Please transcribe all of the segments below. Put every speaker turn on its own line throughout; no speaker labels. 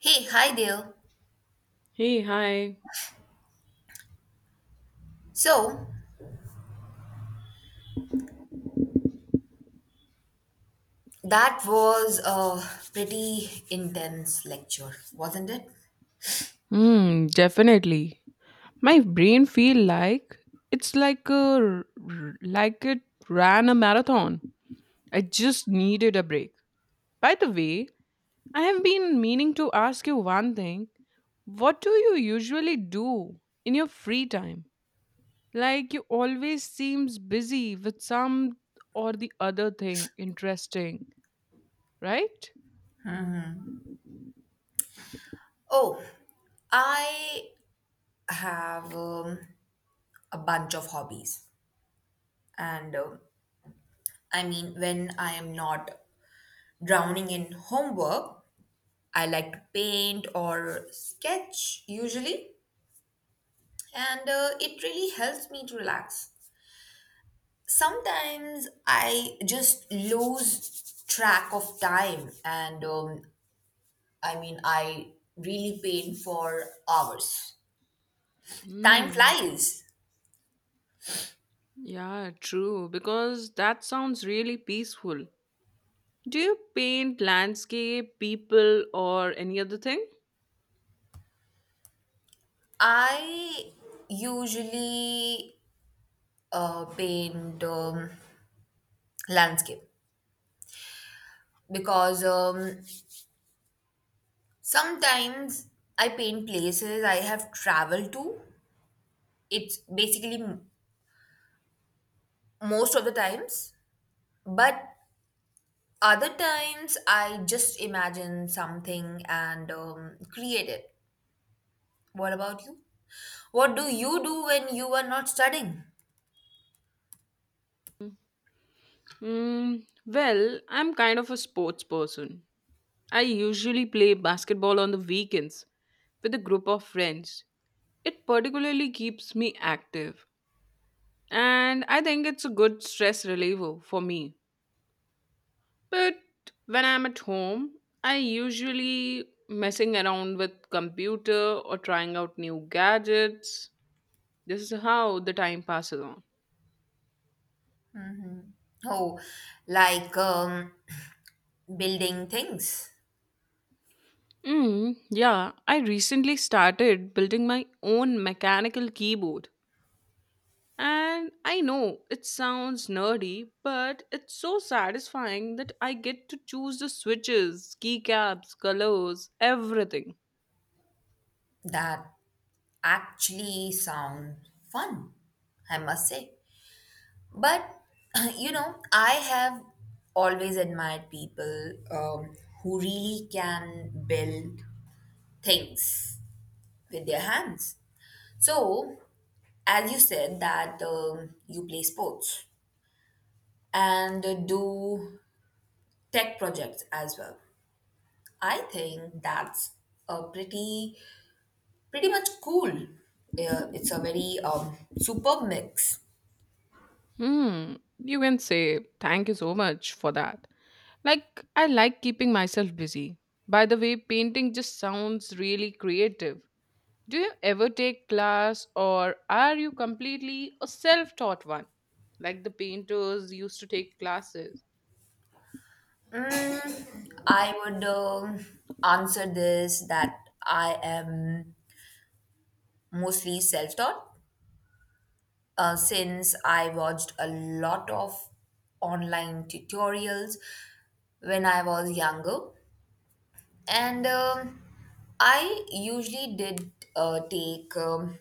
Hey, hi there.
Hey, hi.
So, that was a pretty intense lecture, wasn't it?
Hmm, definitely. My brain feel like it's like it ran a marathon. I just needed a break. By the way, I have been meaning to ask you one thing. What do you usually do in your free time? Like you always seems busy with some or the other thing interesting, right?
Oh, I have a bunch of hobbies. And um when I am not drowning in homework, I like to paint or sketch usually. And it really helps me to relax. Sometimes I just lose track of time and I really paint for hours. Time
Mm,
flies.
yeah, true. Because that sounds really peaceful. Do you paint landscape, people, or any other thing?
I usually paint landscape because sometimes I paint places I have traveled to. It's basically most of the times, but other times I just imagine something and create it. What about you? What do you do when you are not studying?
Well, I'm kind of a sports person. I usually play basketball on the weekends with a group of friends. It particularly keeps me active, and I think it's a good stress reliever for me. But when I'm at home, I usually messing around with computer or trying out new gadgets. This is how the time passes on.
Oh, like building things
Mm, yeah, I recently started building my own mechanical keyboard. And I know it sounds nerdy, but it's so satisfying that I get to choose the switches, keycaps, colors, everything.
that actually sound fun, I must say. But, you know, I have always admired people who really can build things with their hands. So, as you said, that you play sports and do tech projects as well. I think that's a pretty much cool. Yeah, it's a very superb mix.
Hmm, you can say thank you so much for that. Like, I like keeping myself busy. By the way, painting just sounds really creative. Do you ever take class or are you completely a self taught one? Like the painters used to take classes.
I would answer this that I am mostly self taught since I watched a lot of online tutorials when I was younger. And I usually did take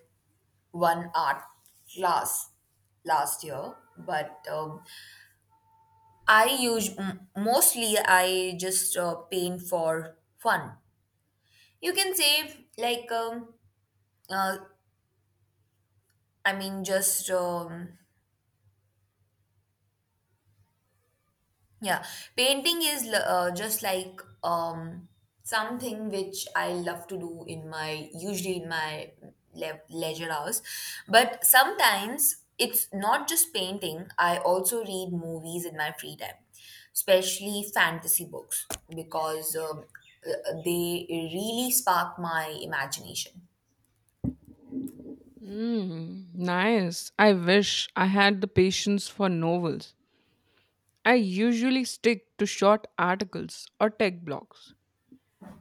one art class last year, but I use mostly I just paint for fun. You can say like uh, I mean just Yeah, Painting is just like something which I love to do in my usually in my leisure hours. But sometimes it's not just painting. I also read movies in my free time, especially fantasy books because they really spark my imagination.
Mm, nice. I wish I had the patience for novels. I usually stick to short articles or tech blogs.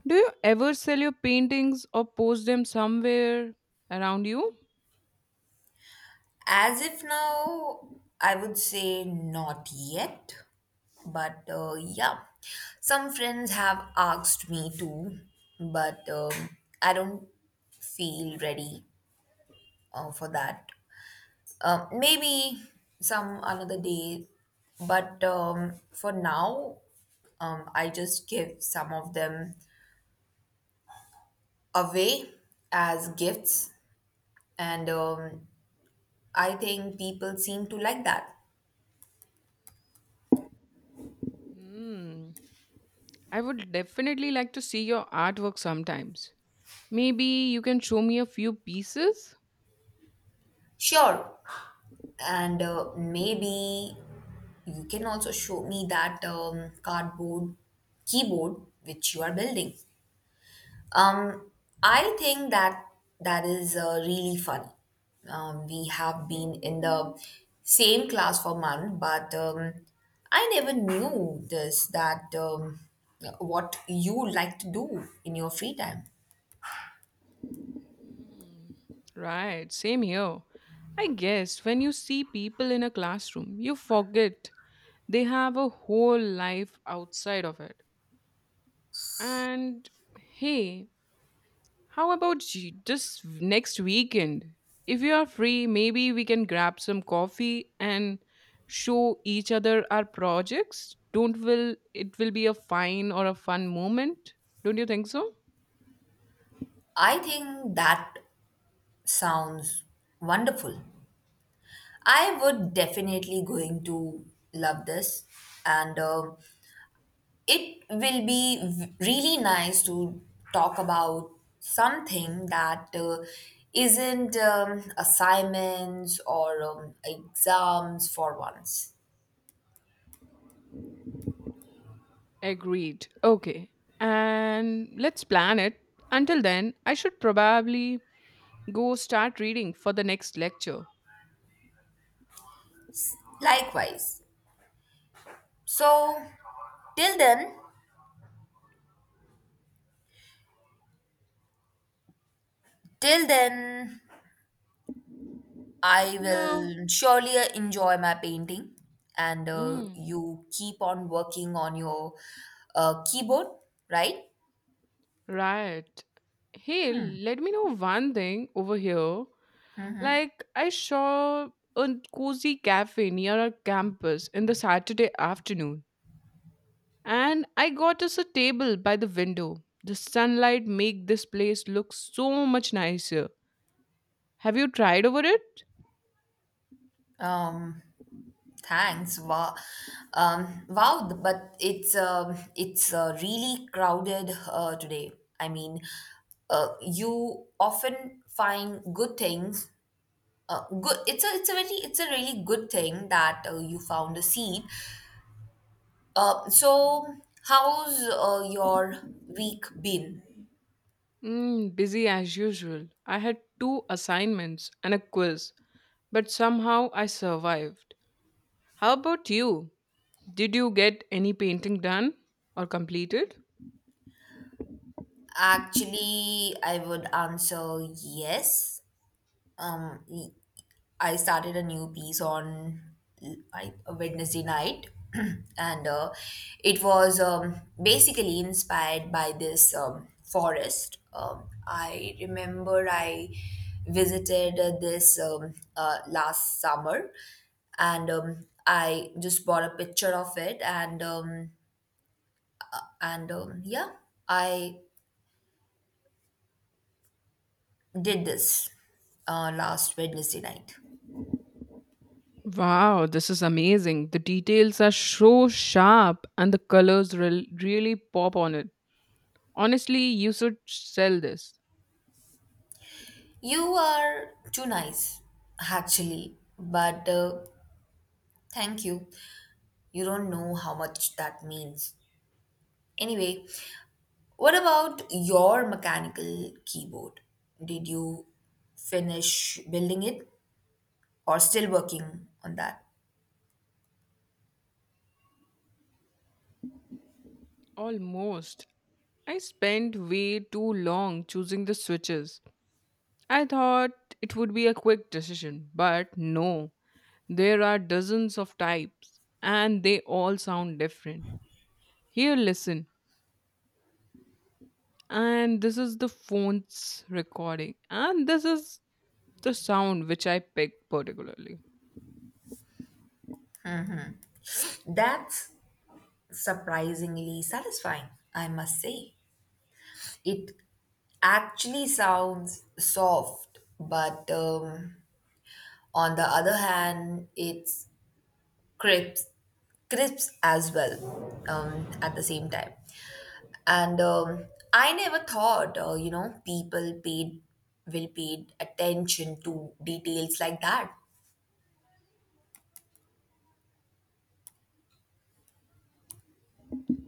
Do you ever sell your paintings or post them somewhere around you?
As if now, I would say not yet. But yeah, some friends have asked me to, but I don't feel ready for that. Maybe some another day, but for now, I just give some of them away as gifts, and I think people seem to like that.
Mm. I would definitely like to see your artwork sometimes. Maybe you can show me a few pieces?
Sure, and maybe you can also show me that cardboard keyboard which you are building um, I think that that is really funny. We have been in the same class for month but I never knew this that what you like to do in your free time
Right, same here. I guess when you see people in a classroom, you forget they have a whole life outside of it. And hey, how about just next weekend? If you are free, maybe we can grab some coffee and show each other our projects. Don't will it will be a fine or a fun moment? Don't you think so?
i think that sounds wonderful. I would definitely going to love this, and it will be really nice to talk about something that isn't assignments or exams for once.
Agreed. Okay. And let's plan it. Until then, I should probably go start reading for the next lecture.
Likewise. So till then, till then, I
No.
will surely enjoy my painting, and
Mm,
you keep on working on your keyboard, right?
right. Hey, let me know one thing over here. Like, I saw a cozy cafe near our campus in the Saturday afternoon, and I got us a table by the window. The sunlight make this place look so much nicer. Have you tried over it?
Um, thanks. Wow. Wow, but it's really crowded today. I mean, you often find good things. Good. It's a very it's a really good thing that you found a seat. So how's your week been?
Mm, busy as usual. I had two assignments and a quiz, but somehow I survived. How about you? Did you get any painting done or completed?
Actually, I would answer yes. Um, y- I started a new piece on a Wednesday night, and it was basically inspired by this forest. I remember I visited this last summer, and I just bought a picture of it, and yeah, I did this last Wednesday night.
Wow, this is amazing. The details are so sharp and the colors really pop on it. Honestly, you should sell this.
You are too nice, actually, but thank you. You don't know how much that means. Anyway, what about your mechanical keyboard? Did you finish building it or still working on that?
Almost. I spent way too long choosing the switches. I thought it would be a quick decision, but no. There are dozens of types, and they all sound different. Here, listen. And this is the phone's recording, and this is the sound which I picked particularly.
That's surprisingly satisfying, I must say. It actually sounds soft, but on the other hand, it's crisp crisps as well at the same time. And I never thought, you know, people paid will paid attention to details like that.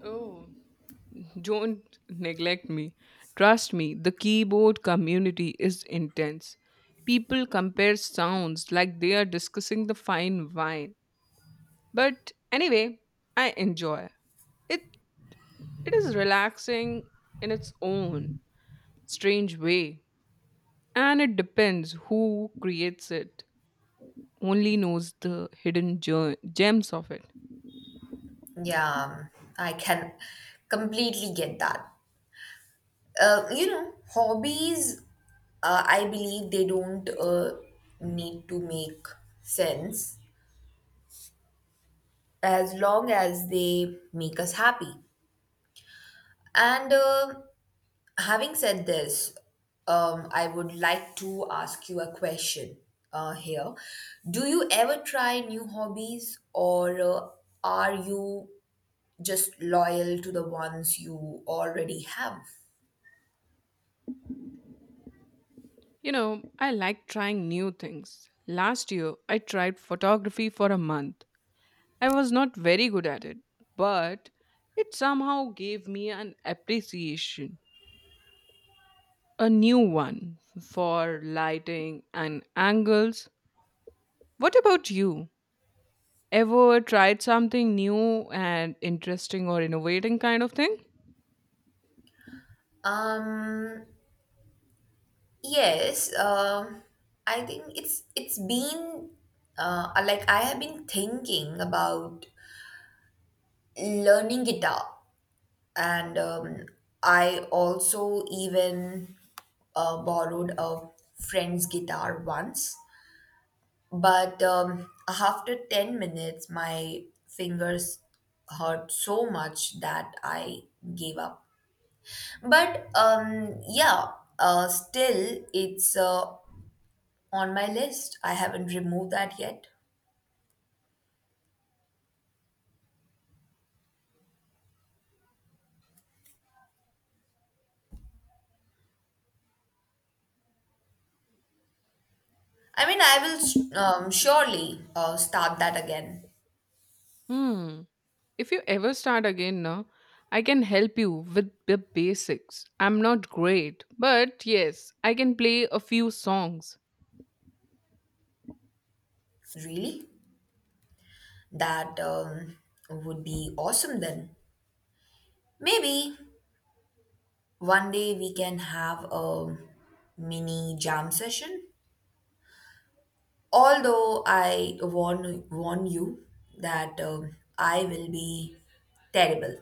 Oh, don't neglect me. Trust me, the keyboard community is intense. People compare sounds like they are discussing the fine wine. But anyway, I enjoy. It it is relaxing in its own strange way. And it depends who creates it. Only knows the hidden gems of it.
Yeah, I can completely get that. You know, hobbies, I believe they don't need to make sense as long as they make us happy. And Having said this, I would like to ask you a question here. Do you ever try new hobbies, or are you just loyal to the ones you already have?
I like trying new things. Last year, I tried photography for a month. I was not very good at it, but it somehow gave me an appreciation, a new one for lighting and angles. What about you? Ever tried something new and interesting or innovating kind of thing?
Um, yes, I think it's been like I have been thinking about learning guitar, and I also even borrowed a friend's guitar once, but after 10 minutes, my fingers hurt so much that I gave up. But yeah, still, it's on my list. I haven't removed that yet. I mean, I will surely start that again.
Hmm. If you ever start again, no, I can help you with the basics. I'm not great, but yes, I can play a few songs.
Really? That would be awesome then. Maybe. One day we can have a mini jam session. Although I warn you that I will be terrible.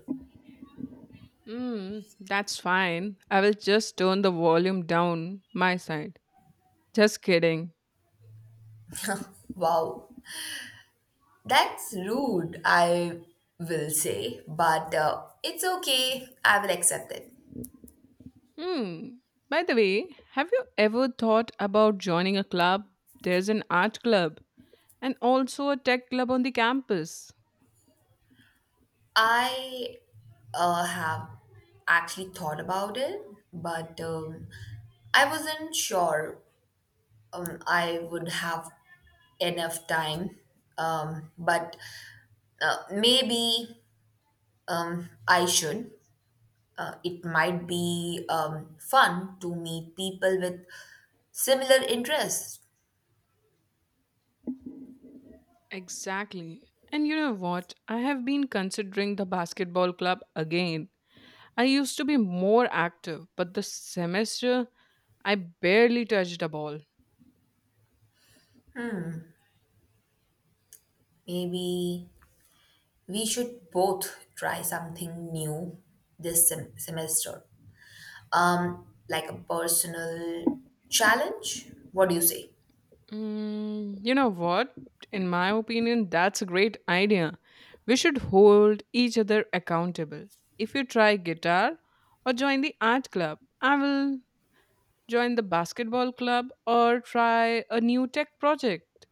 Mm, that's fine. I will just turn the volume down my side. Just kidding.
Wow, that's rude. I will say, but it's okay. I will accept it.
Hmm. By the way, have you ever thought about joining a club? There's an art club and also a tech club on the campus.
I have actually thought about it, but I wasn't sure I would have enough time, but maybe I should. It might be fun to meet people with similar interests.
Exactly. And you know what? I have been considering the basketball club again. I used to be more active, but the semester I barely touched a ball.
Maybe we should both try something new this semester, like a personal challenge. What do you say?
Mm, you know what? In my opinion, that's a great idea. We should hold each other accountable. If you try guitar or join the art club, I will join the basketball club or try a new tech project.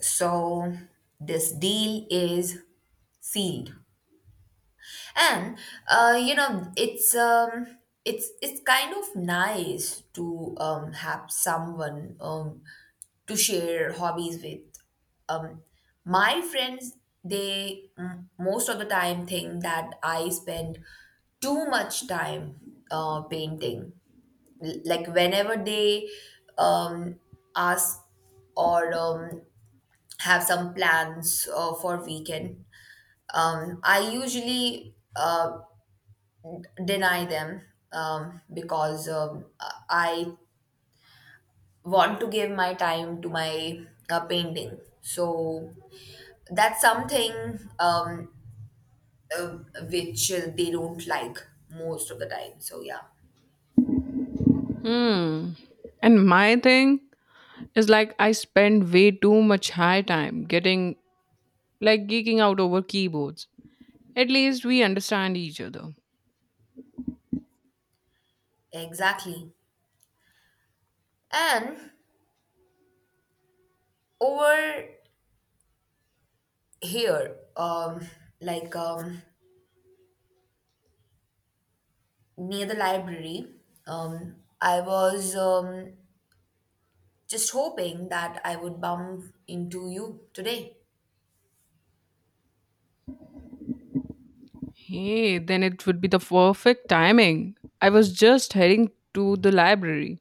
So, this deal is sealed. And you know it's kind of nice to have someone to share hobbies with. um my friends they most of the time think that I spend too much time painting. Like whenever they um ask or have some plans for weekend I usually deny them because I want to give my time to my painting. So that's something um, uh, which they don't like most of the time. So yeah,
Hmm. And my thing is like I spend way too much high time getting like geeking out over keyboards. At least we understand each other.
exactly. And over here, like um, near the library, um, I was just hoping that I would bump into you today.
Hey, then it would be the perfect timing. I was just heading to the library.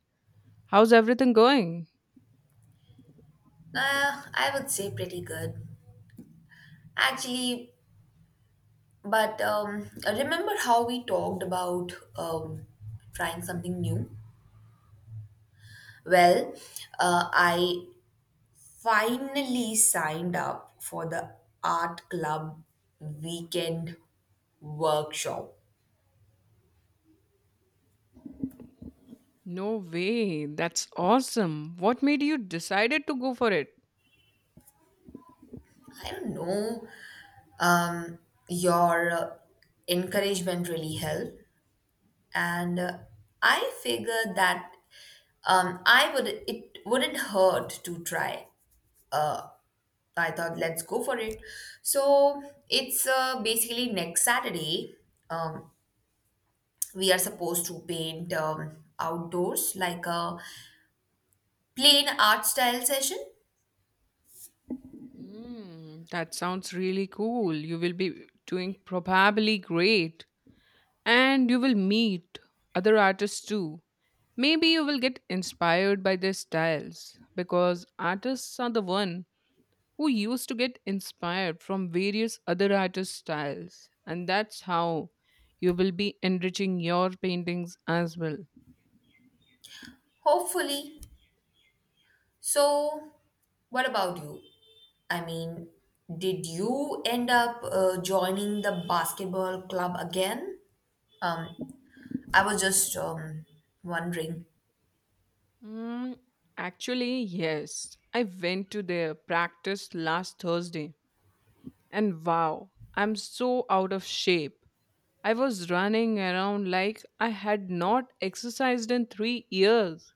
How's everything going?
I would say pretty good. Actually, but remember how we talked about trying something new? Well, I finally signed up for the art club weekend workshop.
No way. That's awesome. What made you decided to go for it?
I don't know. Um, your encouragement really helped, and I figured that I would it wouldn't hurt to try. uh, I thought let's go for it. So it's basically next Saturday. Um, we are supposed to paint outdoors like a plain art style session,
Hmm, that sounds really cool. You will be doing probably great. And you will meet other artists too. Maybe you will get inspired by their styles because artists are the one who used to get inspired from various other artists' styles. And that's how you will be enriching your paintings as well.
hopefully. So, what about you? I mean, did you end up joining the basketball club again? Um, I was just wondering.
Mm, actually, yes. I went to their practice last Thursday, and wow, I'm so out of shape. I was running around like I had not exercised in 3 years.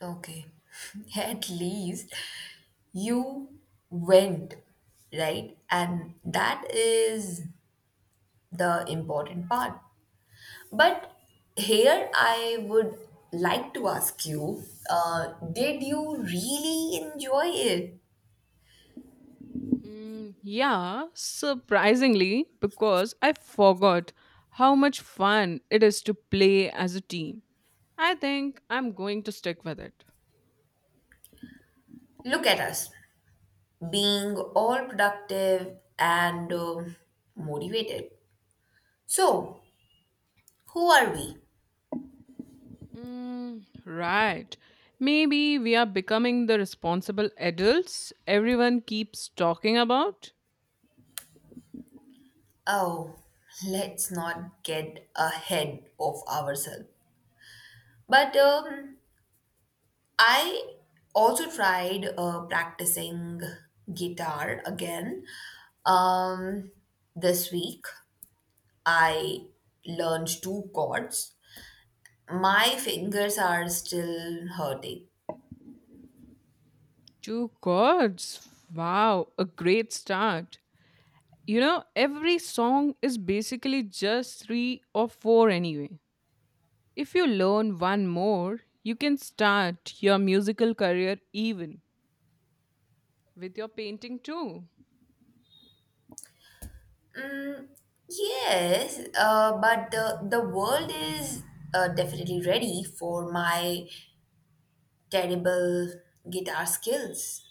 Okay. At least you went, right? And that is the important part. But here I would like to ask you, did you really enjoy it?
Mm, yeah, surprisingly, because I forgot how much fun it is to play as a team. I think I'm going to stick with it.
Look at us being all productive and motivated. So, who are we?
Mm, right. Maybe we are becoming the responsible adults everyone keeps talking about.
Oh, let's not get ahead of ourselves. But I also tried practicing guitar again. Um, this week, I learned two chords. My fingers are still hurting.
Two chords. Wow, a great start. Every song is basically just three or four anyway. If you learn one more, you can start your musical career even with your painting too.
Mm, yes, but the world is definitely ready for my terrible guitar skills.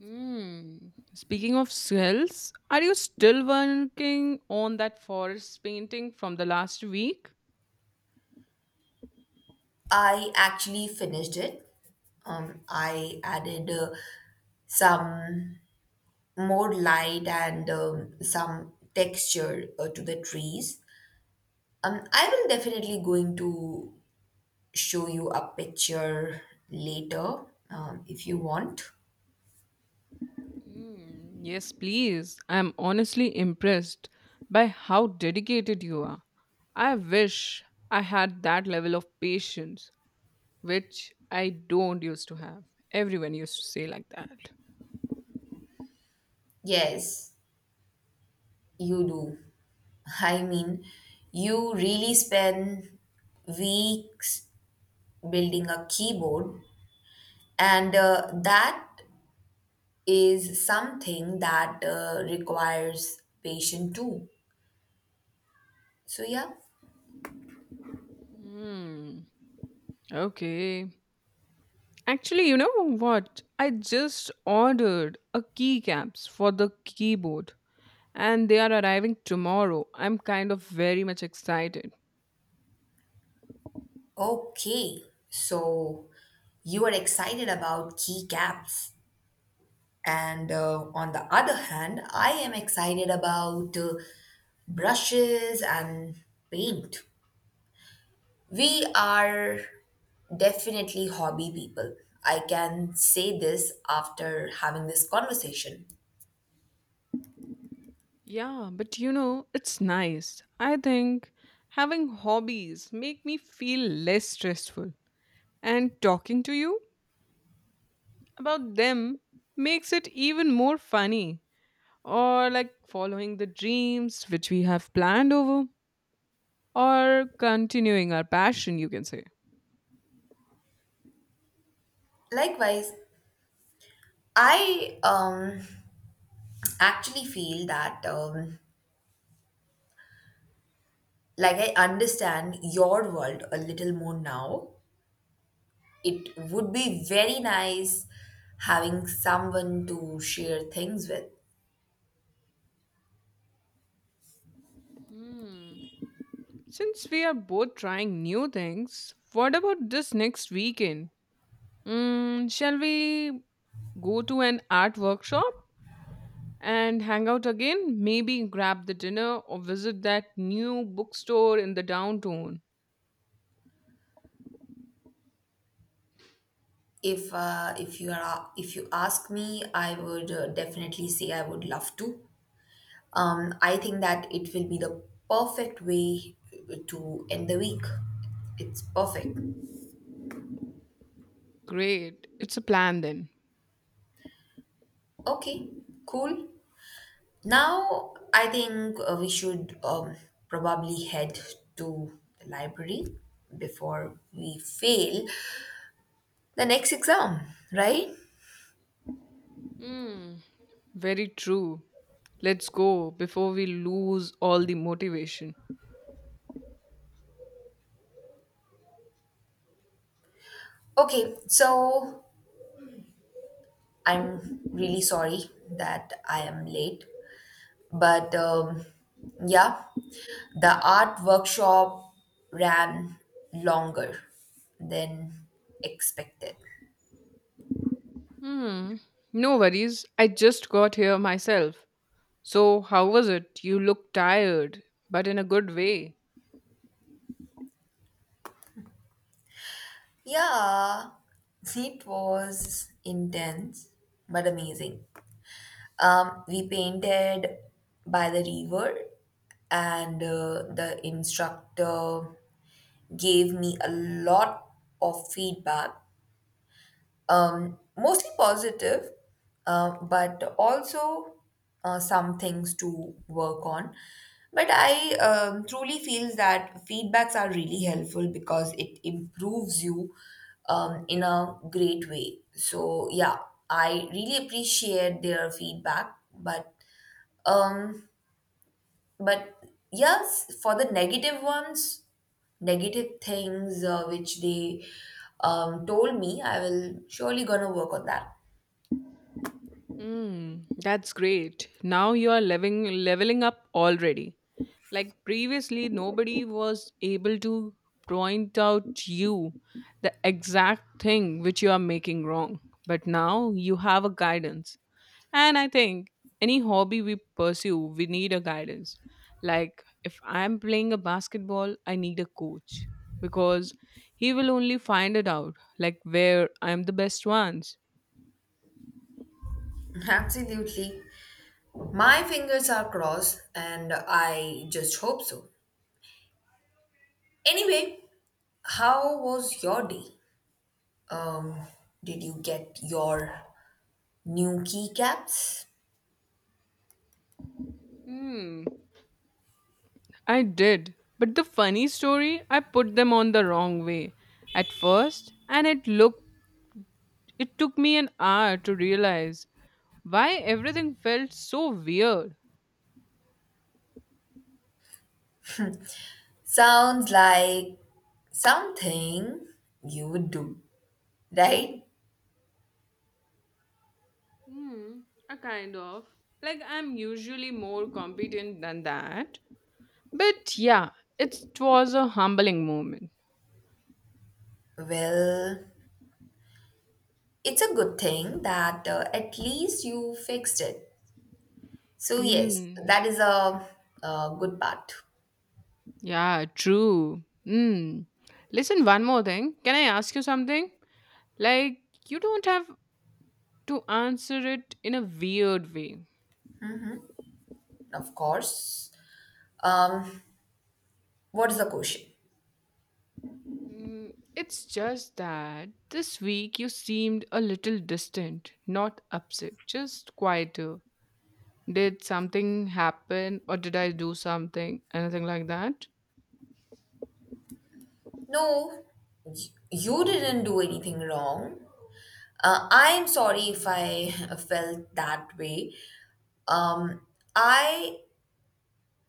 Hmm. Speaking of swells, are you still working on that forest painting from the last week?
I actually finished it. I added some more light and some texture to the trees. I will definitely going to show you a picture later if you want.
Mm, yes, please. I'm honestly impressed by how dedicated you are. I wish I had that level of patience, which I don't used to have. Everyone used to say like that.
Yes, you do. I mean, you really spend weeks building a keyboard, and that is something that requires patience too. So, yeah.
Hmm. Okay. Actually, you know what? I just ordered a keycaps for the keyboard and they are arriving tomorrow. I'm kind of very much excited.
Okay, so you are excited about keycaps, and on the other hand, I am excited about brushes and paint. We are definitely hobby people. I can say this after having this conversation.
Yeah, but it's nice. I think having hobbies make me feel less stressful and talking to you about them makes it even more funny or like following the dreams which we have planned over or continuing our passion, you can say.
Likewise, I actually feel that like I understand your world a little more now. It would be very nice having someone to share things with.
Hmm. Since we are both trying new things, what about this next weekend? Shall we go to an art workshop and hang out again? Maybe grab the dinner or visit that new bookstore in the downtown.
If you are if you ask me, I would definitely say I would love to. I think that it will be the perfect way to end the week. It's perfect.
Great. It's a plan then.
Okay, cool. Now I think we should probably head to the library before we fail the next exam, right?
Mm, very true. Let's go before we lose all the motivation.
Okay, so I'm really sorry that I am late, but yeah, the art workshop ran longer than expected.
Hmm. No worries. I just got here myself. So, how was it? You look tired, but in a good way.
Yeah, it was intense but amazing. We painted by the river, and the instructor gave me a lot of feedback mostly positive, but also some things to work on. But I truly feel that feedbacks are really helpful because it improves you in a great way. So yeah, I really appreciate their feedback, um, but yes, for the negative ones, negative things which they told me, I will surely gonna work on that.
Mm, that's great. Now you are leveling up already. Like previously, nobody was able to point out you the exact thing which you are making wrong. But now you have a guidance. And I think any hobby we pursue, we need a guidance. Like if I'm playing a basketball, I need a coach because he will only find it out, like where I'm the best ones.
Absolutely. My fingers are crossed and I just hope so. Anyway, how was your day? Um, did you get your new keycaps?
Hmm. I did. But the funny story, I put them on the wrong way at first, and it took me an hour to realize why everything felt so weird.
Sounds like something you would do, right?
Hmm, a kind of. Like I'm usually more competent than that. But yeah, it was a humbling moment.
Well, it's a good thing that at least you fixed it. So, yes,
Hmm.
that is a good part,
Yeah, true. Hmm. Listen, one more thing. Can I ask you something? Like, you don't have to answer it in a weird way.
of course. Um, what is the question?
It's just that this week you seemed a little distant, not upset, just quieter. Did something happen or did I do something? Anything like that?
No, you didn't do anything wrong. I'm sorry if I felt that way. Um, I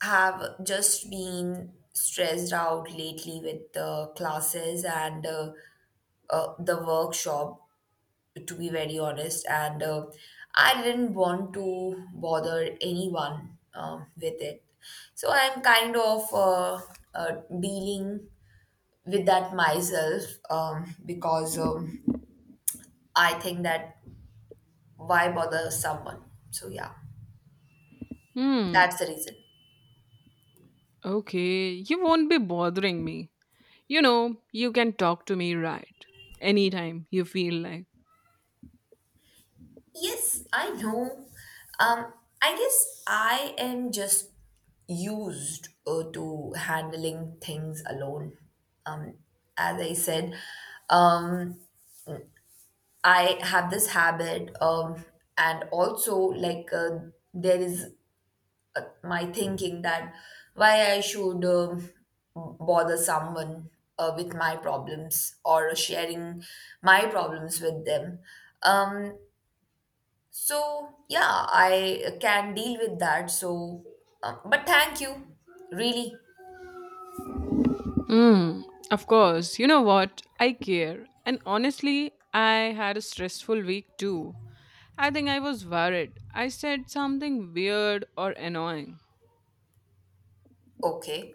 have just been stressed out lately with the classes and the workshop, to be very honest. And I didn't want to bother anyone with it. So I'm kind of uh, dealing with that myself because I think that why bother someone? So yeah,
Hmm,
that's the reason.
okay, you won't be bothering me. You can talk to me right anytime you feel like.
Yes, I know. Um, I guess I am just used to handling things alone. Um, as I said, um, I have this habit, and also like there is my thinking that why I should bother someone with my problems or sharing my problems with them. Um, so, yeah, I can deal with that. So, but thank you. Really?
Hmm, of course, you know what? I care. And honestly, I had a stressful week too. I think I was worried. I said something weird or annoying.
Okay.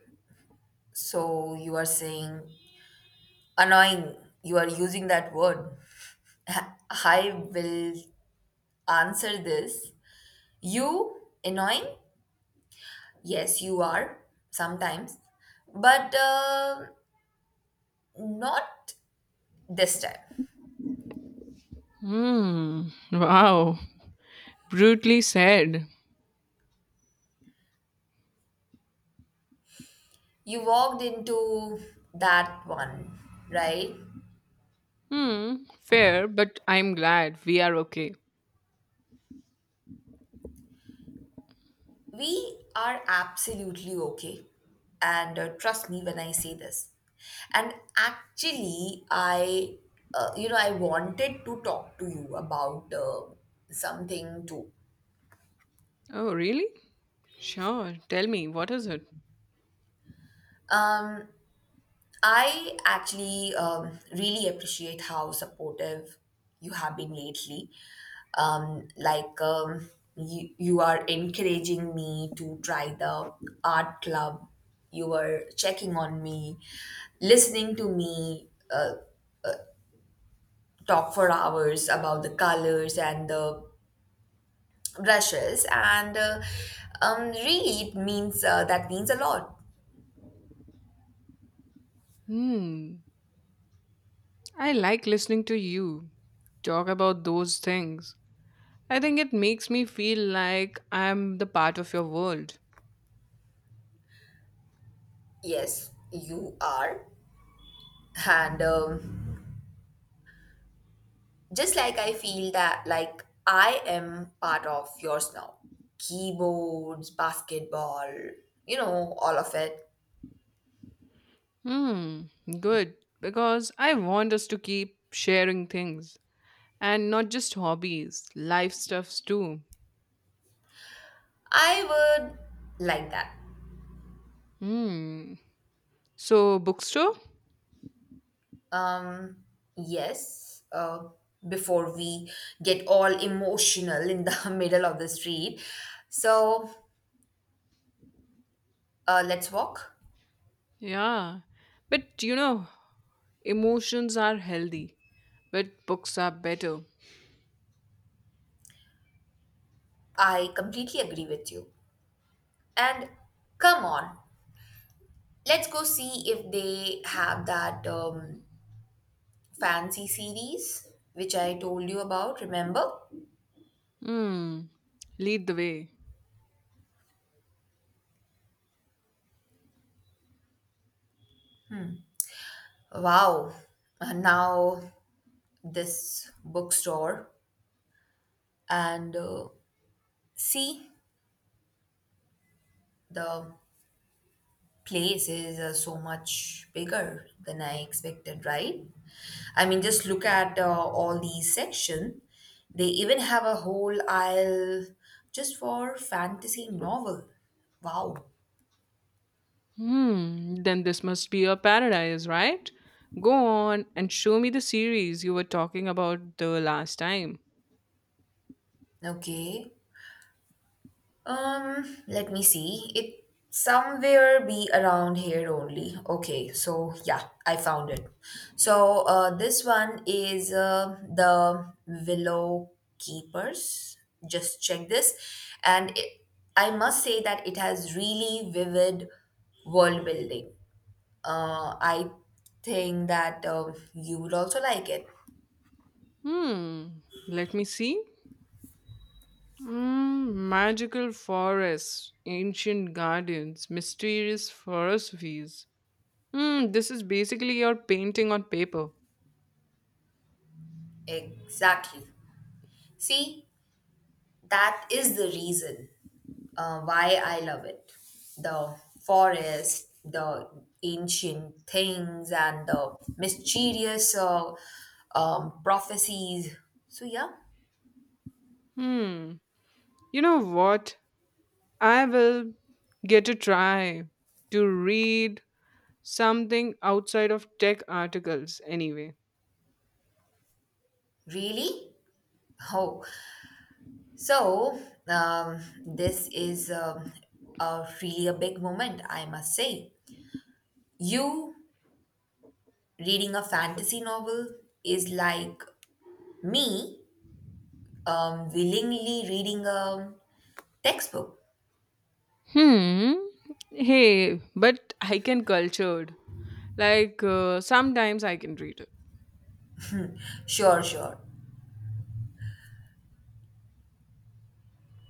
So, you are saying annoying. You are using that word. I will answer this. You annoying? Yes, you are sometimes, but not this time.
Hmm. Wow. Brutally said.
You walked into that one, right?
Hmm. Fair, but I'm glad we are okay.
We are absolutely okay. And trust me when I say this. And actually, I wanted to talk to you about something too.
Oh, really? Sure. Tell me, what is it?
Um, I actually really appreciate how supportive you have been lately. Um, like um, you are encouraging me to try the art club. You were checking on me, listening to me uh, talk for hours about the colors and the brushes, and really, it means that means a lot.
Hmm. I like listening to you talk about those things. I think it makes me feel like I'm the part of your world.
Yes, you are, and just like I feel that, like, I am part of yours now. Keyboards, basketball, you know, all of it.
Hmm. Good. Because I want us to keep sharing things. And not just hobbies, life stuffs too.
I would like that.
Hmm. So, bookstore?
Um, yes, before we get all emotional in the middle of the street. So, let's walk.
Yeah. But emotions are healthy, but books are better.
I completely agree with you. And come on, let's go see if they have that, fancy series which I told you about, remember?
Hmm. Lead the way.
Wow. Now this bookstore and see the place is so much bigger than I expected, right? I mean just look at all these section. They even have a whole aisle just for fantasy novel. Wow.
Hmm. Then this must be a paradise, right? Go on and show me the series you were talking about the last time.
Okay. Let me see. It somewhere be around here only. Okay, so yeah, I found it. So this one is the Willow Keepers. Just check this, and it, I must say that it has really vivid world building. I think that you would also like it.
Hmm. Let me see. Magical forests, ancient gardens, mysterious philosophies. Hmm, this is basically your painting on paper.
Exactly. See, that is the reason why I love it. The forest, the ancient things, and the mysterious prophecies. So, yeah,
Hmm. You know what? I will get a try to read something outside of tech articles anyway.
really? Oh, so this is a really a big moment, I must say. You reading a fantasy novel is like me willingly reading a textbook.
Hmm. Hey, but I can cultured. Like sometimes I can read it.
Sure, sure.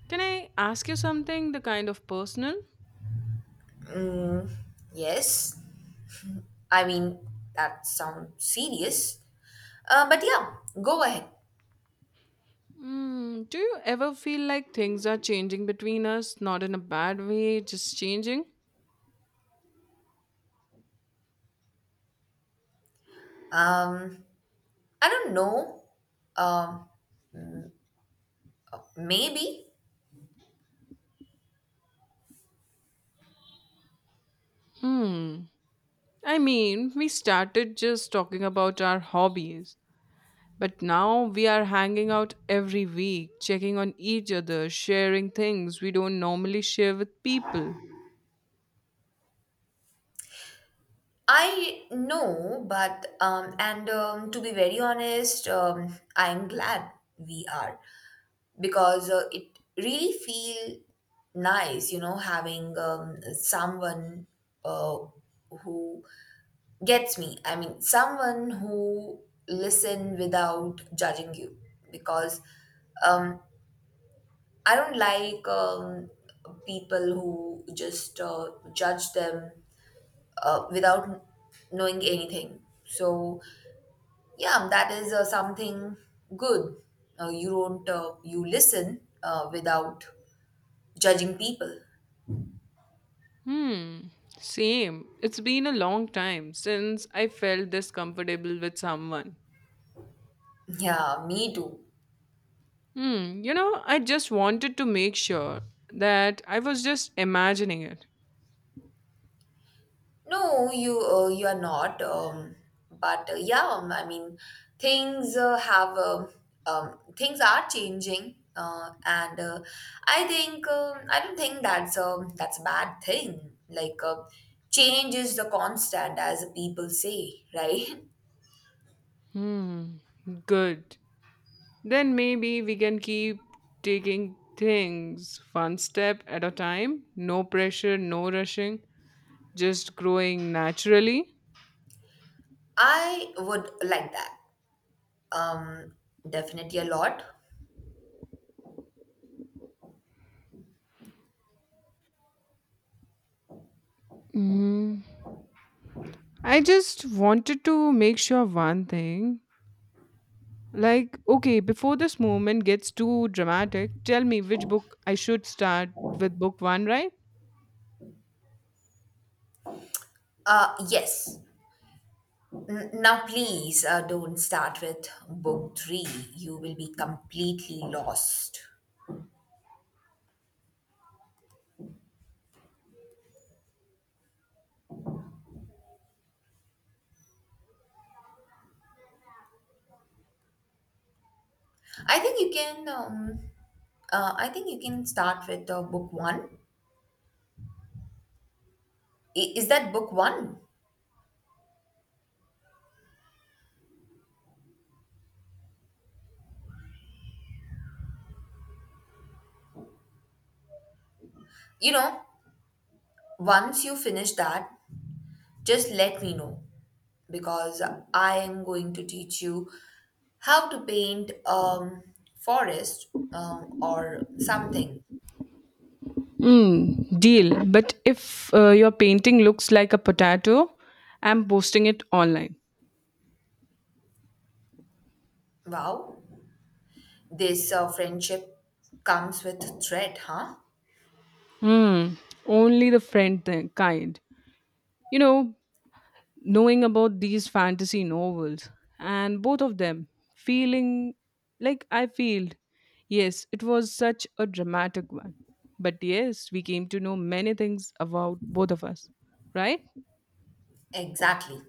Can I ask you something the kind of personal?
Yes, I mean, that sounds serious. But yeah, go ahead.
Do you ever feel like things are changing between us? Not in a bad way, just changing?
Um, I don't know. Um, maybe
Hmm. I mean, we started just talking about our hobbies, but now we are hanging out every week, checking on each other, sharing things we don't normally share with people.
I know, but and to be very honest, I'm glad we are because it really feel nice, you know, having someone uh, who gets me. I mean, someone who listen without judging you because um I don't like people who just judge them without knowing anything. So yeah, that is something good. You listen without judging people.
Hmm. Same. It's been a long time since I felt this comfortable with someone.
Yeah, me too.
Hmm. I just wanted to make sure that I was just imagining it.
No, you are not. But yeah, I mean, things uh, have um things are changing, and I think I don't think that's a bad thing. Like change is the constant, as people say, right?
Hmm. Good. Then maybe we can keep taking things one step at a time. No pressure, no rushing, just growing naturally.
I would like that. Um, definitely a lot.
Mm. I just wanted to make sure one thing. Like, okay, before this moment gets too dramatic, tell me which book I should start with book one, right?
Yes. Now, please don't start with book three. You will be completely lost. I think you can. I think you can start with book one. I- Is that book one? You know, once you finish that, just let me know because I am going to teach you how to paint forest or something.
Mm, deal. But if your painting looks like a potato, I'm posting it online.
Wow, this friendship comes with thread, huh?
Hmm. Only the friend thing, kind. You know, Knowing about these fantasy novels and both of them feeling like I feel. Yes, it was such a dramatic one. But yes, we came to know many things about both of us, right?
Exactly.